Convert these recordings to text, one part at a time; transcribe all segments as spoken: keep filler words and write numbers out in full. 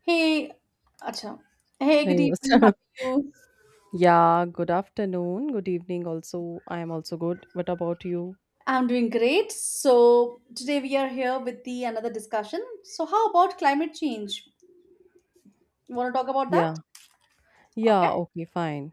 Hey, acha. Hey, They good must- evening. How are you? yeah, good afternoon. Good evening also. I am also good. What about you? I'm doing great. So today we are here with the another discussion. So how about climate change? You want to talk about that? Yeah. Okay. Yeah, okay, fine.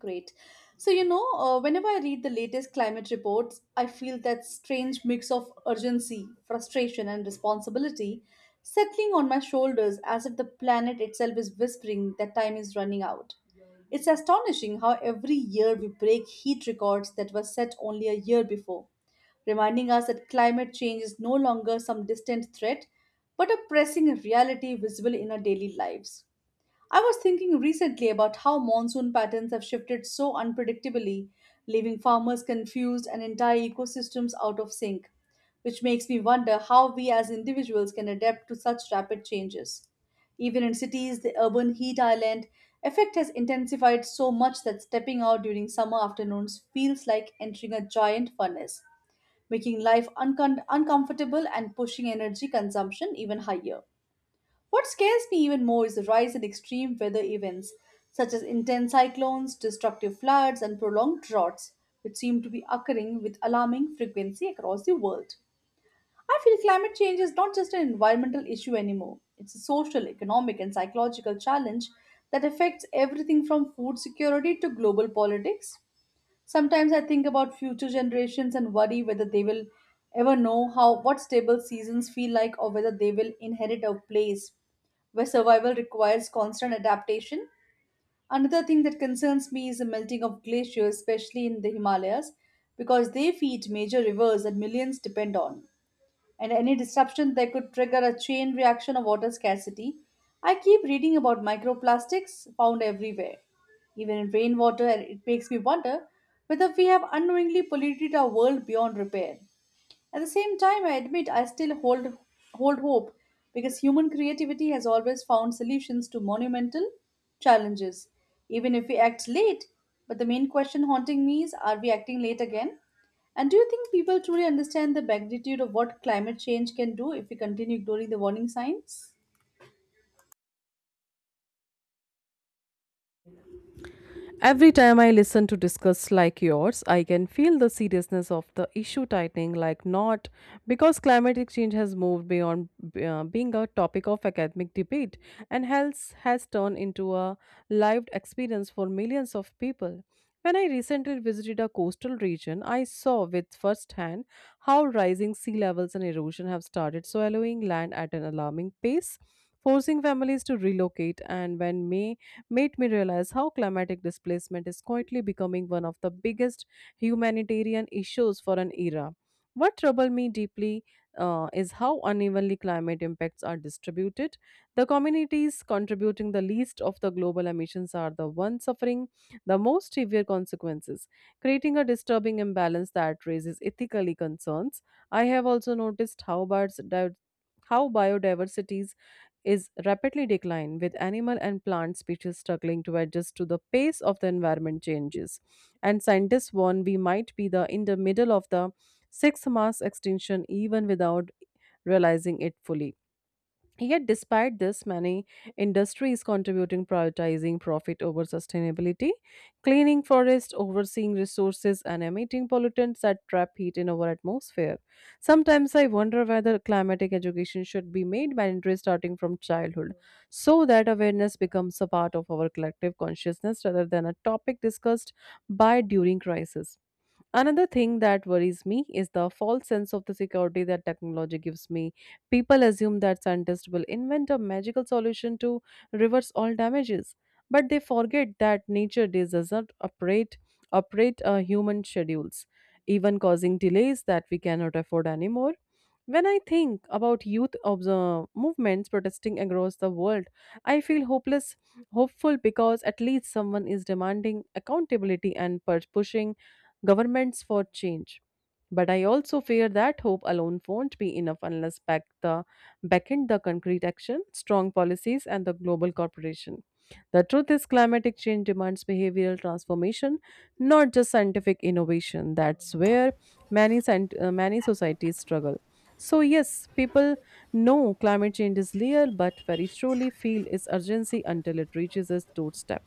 Great. So, you know, uh, whenever I read the latest climate reports, I feel that strange mix of urgency, frustration, and responsibility settling on my shoulders as if the planet itself is whispering that time is running out. It's astonishing how every year we break heat records that were set only a year before, reminding us that climate change is no longer some distant threat, but a pressing reality visible in our daily lives. I was thinking recently about how monsoon patterns have shifted so unpredictably, leaving farmers confused and entire ecosystems out of sync, which makes me wonder how we as individuals can adapt to such rapid changes. Even in cities, the urban heat island effect has intensified so much that stepping out during summer afternoons feels like entering a giant furnace, making life uncom- uncomfortable and pushing energy consumption even higher. What scares me even more is the rise in extreme weather events, such as intense cyclones, destructive floods, and prolonged droughts, which seem to be occurring with alarming frequency across the world. I feel climate change is not just an environmental issue anymore, it's a social, economic, and psychological challenge that affects everything from food security to global politics. Sometimes I think about future generations and worry whether they will ever know how what stable seasons feel like or whether they will inherit a place where survival requires constant adaptation. Another thing that concerns me is the melting of glaciers, especially in the Himalayas, because they feed major rivers that millions depend on and any disruption that could trigger a chain reaction of water scarcity. I keep reading about microplastics found everywhere, even in rainwater, and it makes me wonder whether we have unknowingly polluted our world beyond repair. At the same time, I admit I still hold hold hope because human creativity has always found solutions to monumental challenges, even if we act late. But the main question haunting me is are we acting late again? And do you think people truly understand the magnitude of what climate change can do if we continue ignoring the warning signs? Every time I listen to discuss like yours, I can feel the seriousness of the issue tightening like not because climatic change has moved beyond uh, being a topic of academic debate, and health has turned into a lived experience for millions of people. When I recently visited a coastal region, I saw with firsthand how rising sea levels and erosion have started swallowing land at an alarming pace, forcing families to relocate, and when may made me realize how climatic displacement is quietly becoming one of the biggest humanitarian issues for an era. What troubled me deeply, uh, is how unevenly climate impacts are distributed. The communities contributing the least of the global emissions are the ones suffering the most severe consequences, creating a disturbing imbalance that raises ethical concerns. I have also noticed how birds di- how biodiversity is rapidly declining, with animal and plant species struggling to adjust to the pace of the environment changes. And scientists warn we might be the in the middle of the sixth mass extinction even without realizing it fully. Yet, despite this, many industries contributing prioritizing profit over sustainability, cleaning forests, overseeing resources, and emitting pollutants that trap heat in our atmosphere. Sometimes I wonder whether climatic education should be made mandatory starting from childhood, so that awareness becomes a part of our collective consciousness rather than a topic discussed by during crisis. Another thing that worries me is the false sense of the security that technology gives me. People assume that scientists will invent a magical solution to reverse all damages, but they forget that nature does not operate operate uh, human schedules, even causing delays that we cannot afford anymore. When I think about youth observe movements protesting across the world, I feel hopeless, hopeful because at least someone is demanding accountability and pur- pushing governments for change. But I also fear that hope alone won't be enough unless back the back in the concrete action, strong policies, and the global corporation. The truth is, climatic change demands behavioral transformation, not just scientific innovation. That's where many, scient- uh, many societies struggle. So, yes, people no, climate change is real, but very truly feel its urgency until it reaches its doorstep.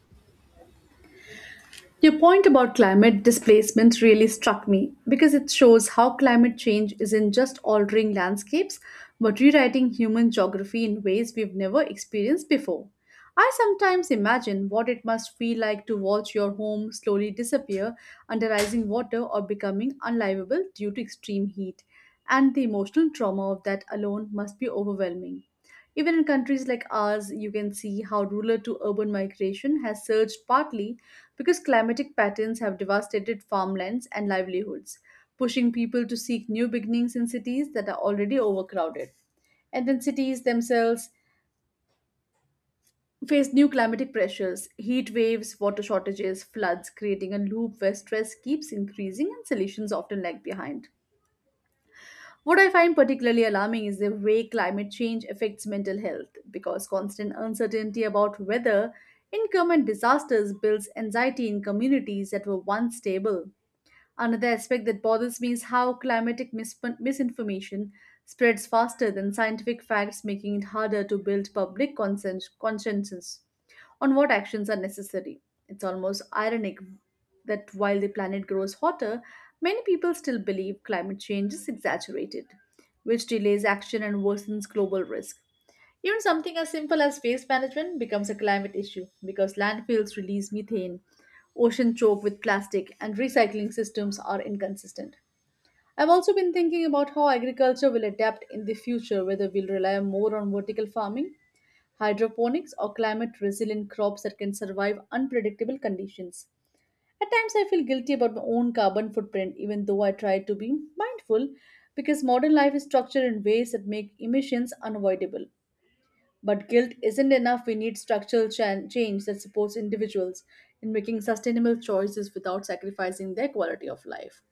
Your point about climate displacement really struck me because it shows how climate change isn't just altering landscapes but rewriting human geography in ways we've never experienced before. I sometimes imagine what it must feel like to watch your home slowly disappear under rising water or becoming unlivable due to extreme heat, and the emotional trauma of that alone must be overwhelming. Even in countries like ours, you can see how rural to urban migration has surged partly because climatic patterns have devastated farmlands and livelihoods, pushing people to seek new beginnings in cities that are already overcrowded. And then cities themselves face new climatic pressures, heat waves, water shortages, floods, creating a loop where stress keeps increasing and solutions often lag behind. What I find particularly alarming is the way climate change affects mental health because constant uncertainty about weather, income, and disasters builds anxiety in communities that were once stable. Another aspect that bothers me is how climatic mis- misinformation spreads faster than scientific facts, making it harder to build public consens- consciences on what actions are necessary. It's almost ironic that while the planet grows hotter, many people still believe climate change is exaggerated, which delays action and worsens global risk. Even something as simple as waste management becomes a climate issue because landfills release methane, ocean choke with plastic, and recycling systems are inconsistent. I've also been thinking about how agriculture will adapt in the future, whether we'll rely more on vertical farming hydroponics, or climate resilient crops that can survive unpredictable conditions. At times, I feel guilty about my own carbon footprint, even though I try to be mindful because modern life is structured in ways that make emissions unavoidable. But guilt isn't enough. We need structural chan- change that supports individuals in making sustainable choices without sacrificing their quality of life.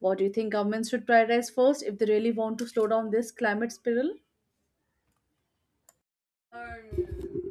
What do you think governments should prioritize first if they really want to slow down this climate spiral?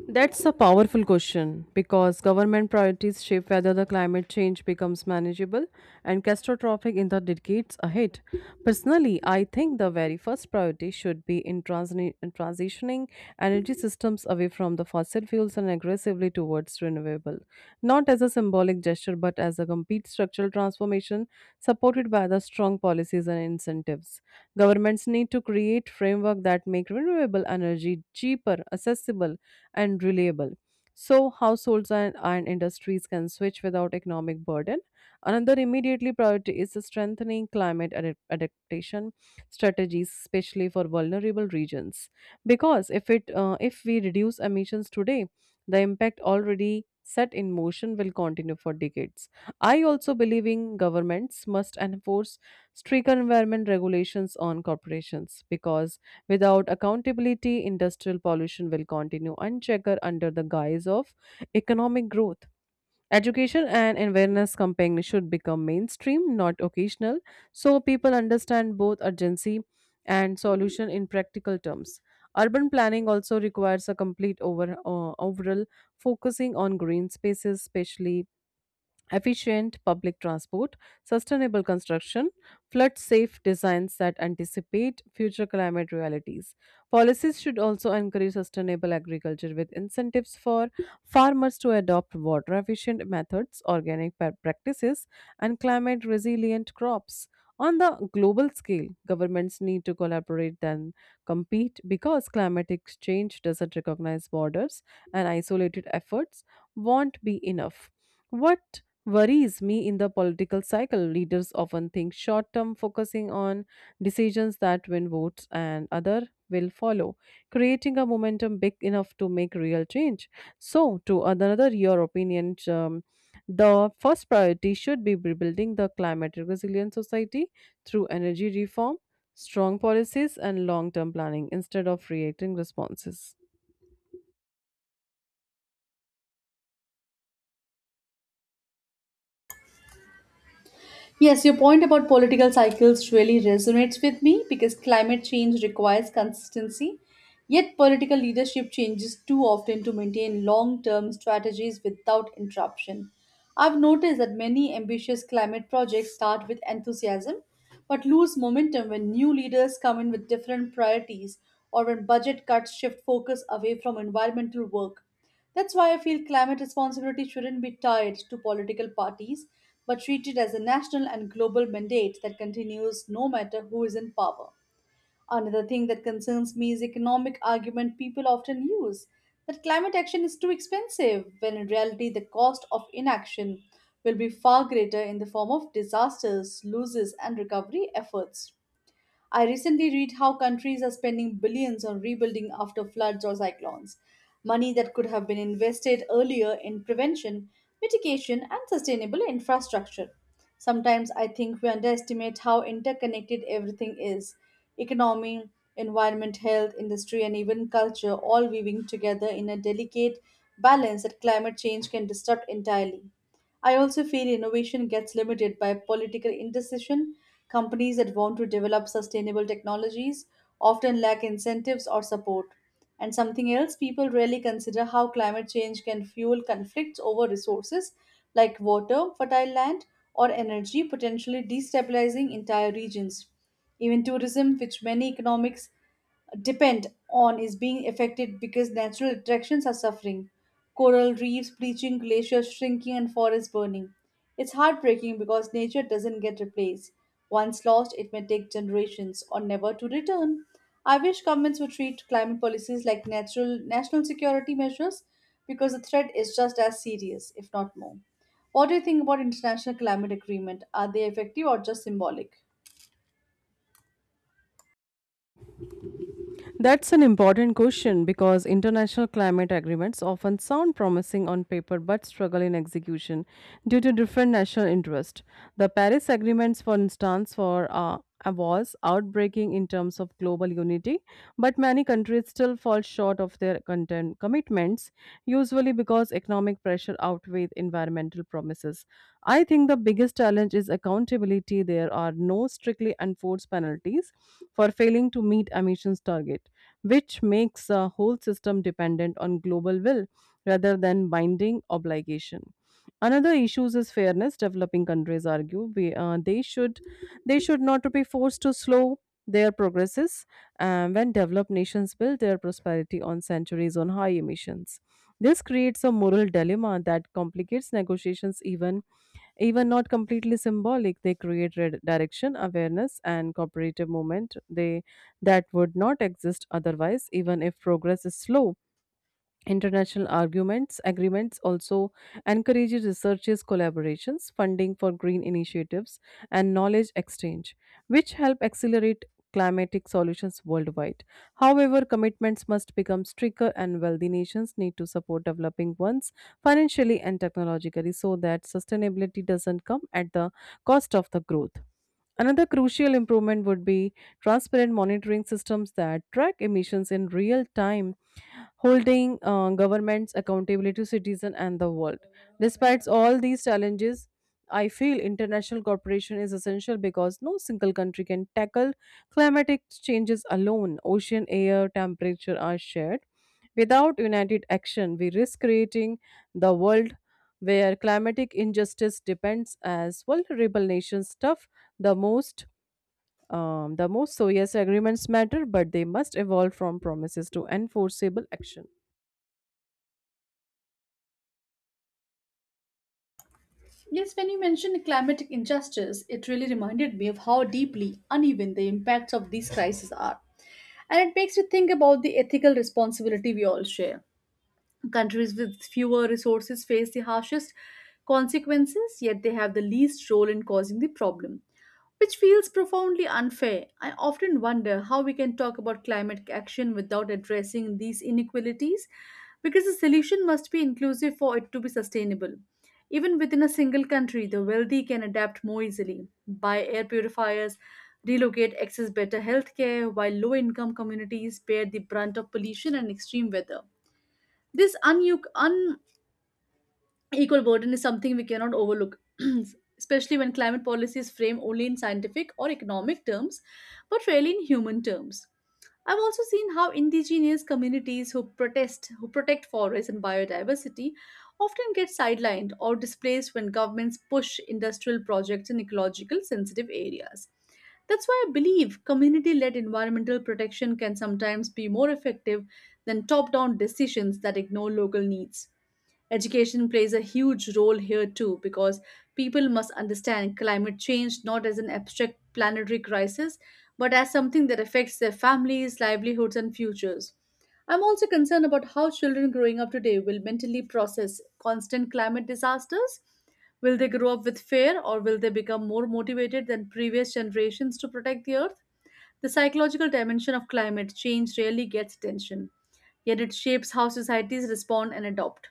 That's a powerful question because government priorities shape whether the climate change becomes manageable and catastrophic in the decades ahead. Personally, I think the very first priority should be in transni- in transitioning energy systems away from the fossil fuels and aggressively towards renewable, not as a symbolic gesture but as a complete structural transformation supported by the strong policies and incentives. Governments need to create framework that make renewable energy cheaper, accessible, and reliable. So, households and, and industries can switch without economic burden. Another immediately priority is strengthening climate adap- adaptation strategies, especially for vulnerable regions. Because if it uh, if we reduce emissions today, the impact already set in motion will continue for decades. I also believe in governments must enforce strict environment regulations on corporations because without accountability, industrial pollution will continue unchecked under the guise of economic growth. Education and awareness campaign should become mainstream, not occasional, so people understand both urgency and solution in practical terms. Urban planning also requires a complete over, uh, overall focusing on green spaces, especially efficient public transport, sustainable construction, flood safe designs that anticipate future climate realities. Policies should also encourage sustainable agriculture with incentives for farmers to adopt water efficient methods, organic pa- practices, and climate resilient crops. On the global scale, governments need to collaborate than compete because climatic change doesn't recognize borders and isolated efforts won't be enough. What worries me in the political cycle. Leaders often think short term, focusing on decisions that win votes and other will follow, creating a momentum big enough to make real change. So, to another your opinion, um, the first priority should be rebuilding the climate resilient society through energy reform, strong policies, and long term planning instead of reacting responses. Yes, your point about political cycles really resonates with me because climate change requires consistency. Yet, political leadership changes too often to maintain long term strategies without interruption. I've noticed that many ambitious climate projects start with enthusiasm but lose momentum when new leaders come in with different priorities or when budget cuts shift focus away from environmental work. That's why I feel climate responsibility shouldn't be tied to political parties, but treated as a national and global mandate that continues no matter who is in power. Another thing that concerns me is the economic argument people often use that climate action is too expensive, when in reality the cost of inaction will be far greater in the form of disasters, losses, and recovery efforts. I recently read how countries are spending billions on rebuilding after floods or cyclones, money that could have been invested earlier in prevention, mitigation, and sustainable infrastructure. Sometimes I think we underestimate how interconnected everything is economy, environment, health, industry, and even culture all weaving together in a delicate balance that climate change can disrupt entirely. I also feel innovation gets limited by political indecision. Companies that want to develop sustainable technologies often lack incentives or support. And something else people rarely consider how climate change can fuel conflicts over resources like water, fertile land, or energy, potentially destabilizing entire regions. Even tourism, which many economics depend on is being affected because natural attractions are suffering. Coral reefs bleaching, glaciers shrinking, and forests burning. It's heartbreaking because nature doesn't get replaced. Once lost, it may take generations or never to return. I wish governments would treat climate policies like natural national security measures because the threat is just as serious, if not more. What do you think about international climate agreement? Are they effective or just symbolic? That's an important question because international climate agreements often sound promising on paper but struggle in execution due to different national interests. The Paris agreements, for instance, for uh, was outbreaking in terms of global unity, but many countries still fall short of their content commitments, usually because economic pressure outweighs environmental promises. I think the biggest challenge is accountability. There are no strictly enforced penalties for failing to meet emissions targets, which makes the whole system dependent on global will rather than binding obligation. Another issue is fairness. Developing countries argue we, uh, they should they should not to be forced to slow their progresses uh, when developed nations build their prosperity on centuries on high emissions. This creates a moral dilemma that complicates negotiations even even not completely symbolic, they create red direction, awareness, and cooperative movement they that would not exist otherwise, even if progress is slow. International arguments agreements also encourage researchers collaborations, funding for green initiatives, and knowledge exchange, which help accelerate climatic solutions worldwide. However, commitments must become stricter, and wealthy nations need to support developing ones financially and technologically so that sustainability doesn't come at the cost of the growth. Another crucial improvement would be transparent monitoring systems that track emissions in real time, holding uh, governments accountable to citizens and the world. Despite all these challenges, I feel international cooperation is essential because no single country can tackle climatic changes alone. Ocean air, temperature are shared. Without united action, we risk creating the world where climatic injustice depends as vulnerable nations tough the most, um, the most. So yes, agreements matter, but they must evolve from promises to enforceable action. Yes, when you mentioned climatic injustice, it really reminded me of how deeply uneven the impacts of these crises are. And it makes you think about the ethical responsibility we all share. Countries with fewer resources face the harshest consequences, yet they have the least role in causing the problem, which feels profoundly unfair. I often wonder how we can talk about climate action without addressing these inequalities, because the solution must be inclusive for it to be sustainable. Even within a single country, the wealthy can adapt more easily, buy air purifiers, relocate, access better healthcare, while low income communities bear the brunt of pollution and extreme weather this un- un- Equal burden is something we cannot overlook, especially when climate policy is framed only in scientific or economic terms, but rarely in human terms. I've also seen how indigenous communities who protest, who protect forests and biodiversity, often get sidelined or displaced when governments push industrial projects in ecological sensitive areas. That's why I believe community led environmental protection can sometimes be more effective than top down decisions that ignore local needs. Education plays a huge role here too because people must understand climate change not as an abstract planetary crisis but as something that affects their families, livelihoods, and futures. I'm also concerned about how children growing up today will mentally process constant climate disasters. Will they grow up with fear or will they become more motivated than previous generations to protect the earth? The psychological dimension of climate change rarely gets attention, yet it shapes how societies respond and adopt.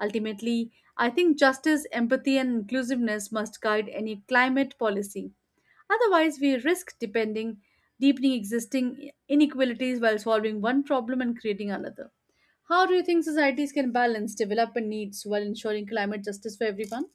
Ultimately, I think justice, empathy, and inclusiveness must guide any climate policy. Otherwise, we risk depending, deepening existing inequalities while solving one problem and creating another. How do you think societies can balance development needs while ensuring climate justice for everyone?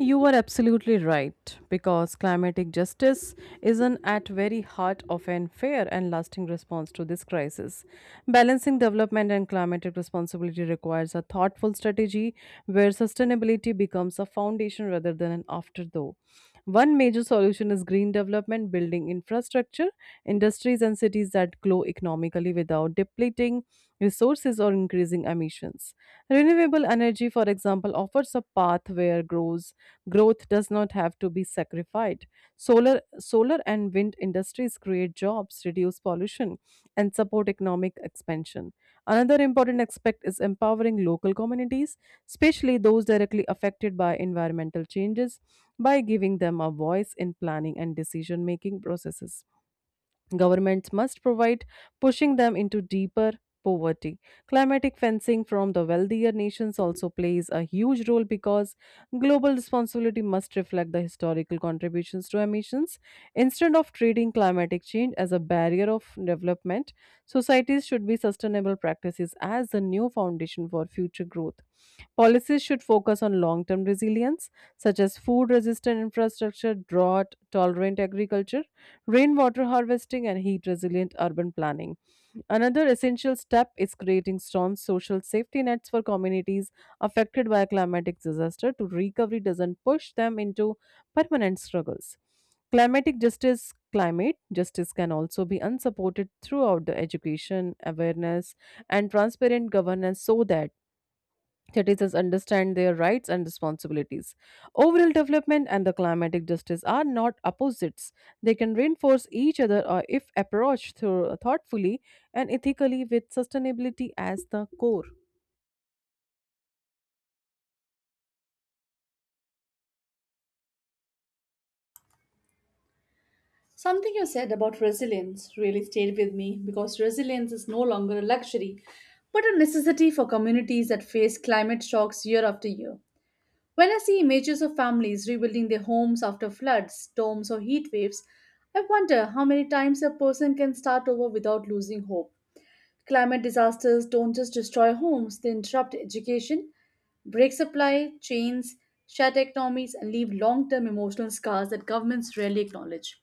You are absolutely right because climatic justice is an at very heart of an fair and lasting response to this crisis. Balancing development and climatic responsibility requires a thoughtful strategy where sustainability becomes a foundation rather than an afterthought. One major solution is green development, building infrastructure, industries, and cities that grow economically without depleting resources or increasing emissions. Renewable energy, for example, offers a path where grows growth does not have to be sacrificed. Solar, solar and wind industries create jobs, reduce pollution, and support economic expansion. Another important aspect is empowering local communities, especially those directly affected by environmental changes, by giving them a voice in planning and decision making processes. Governments must provide, pushing them into deeper poverty. Climatic fencing from the wealthier nations also plays a huge role because global responsibility must reflect the historical contributions to emissions. Instead of treating climatic change as a barrier of development, societies should be sustainable practices as the new foundation for future growth. Policies should focus on long term resilience, such as food resistant infrastructure, drought tolerant agriculture, rainwater harvesting, and heat resilient urban planning. Another essential step is creating strong social safety nets for communities affected by a climatic disaster to recovery doesn't push them into permanent struggles. Climatic justice climate justice can also be unsupported throughout the education awareness and transparent governance so that citizens understand their rights and responsibilities. Overall development and the climatic justice are not opposites. They can reinforce each other uh, if approached through, thoughtfully and ethically with sustainability as the core. Something you said about resilience really stayed with me because resilience is no longer a luxury, but a necessity for communities that face climate shocks year after year. When I see images of families rebuilding their homes after floods, storms, or heat waves, I wonder how many times a person can start over without losing hope. Climate disasters don't just destroy homes, they interrupt education, break supply chains, shatter economies, and leave long term emotional scars that governments rarely acknowledge.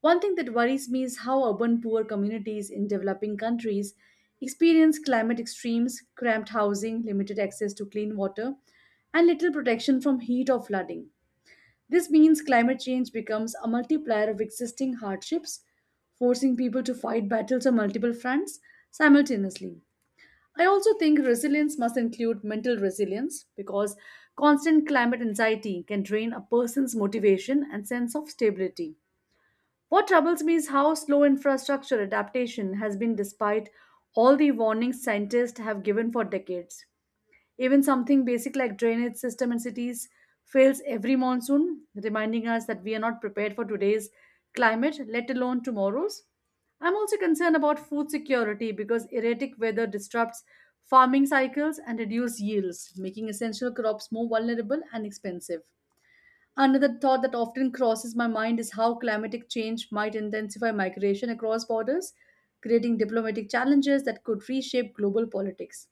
One thing that worries me is how urban poor communities in developing countries experience climate extremes, cramped housing, limited access to clean water, and little protection from heat or flooding. This means climate change becomes a multiplier of existing hardships, forcing people to fight battles on multiple fronts simultaneously. I also think resilience must include mental resilience because constant climate anxiety can drain a person's motivation and sense of stability. What troubles me is how slow infrastructure adaptation has been despite all the warnings scientists have given for decades. Even something basic like drainage system in cities fails every monsoon, reminding us that we are not prepared for today's climate, let alone tomorrow's. I'm also concerned about food security because erratic weather disrupts farming cycles and reduces yields, making essential crops more vulnerable and expensive. Another thought that often crosses my mind is how climatic change might intensify migration across borders, creating diplomatic challenges that could reshape global politics.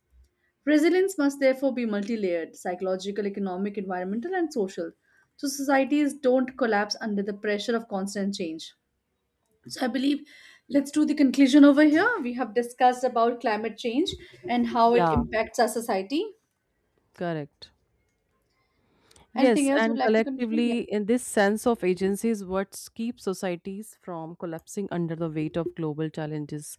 Resilience must therefore be multi layered psychological, economic, environmental, and social, so societies don't collapse under the pressure of constant change. So, I believe let's do the conclusion over here. We have discussed about climate change and how it Yeah. impacts our society. Correct. Yes, Anything else would and like to conclude? Yeah, collectively, in this sense of agency is what keeps societies from collapsing under the weight of global challenges,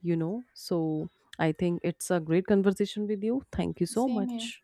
you know. So I think it's a great conversation with you. Thank you so same here. much.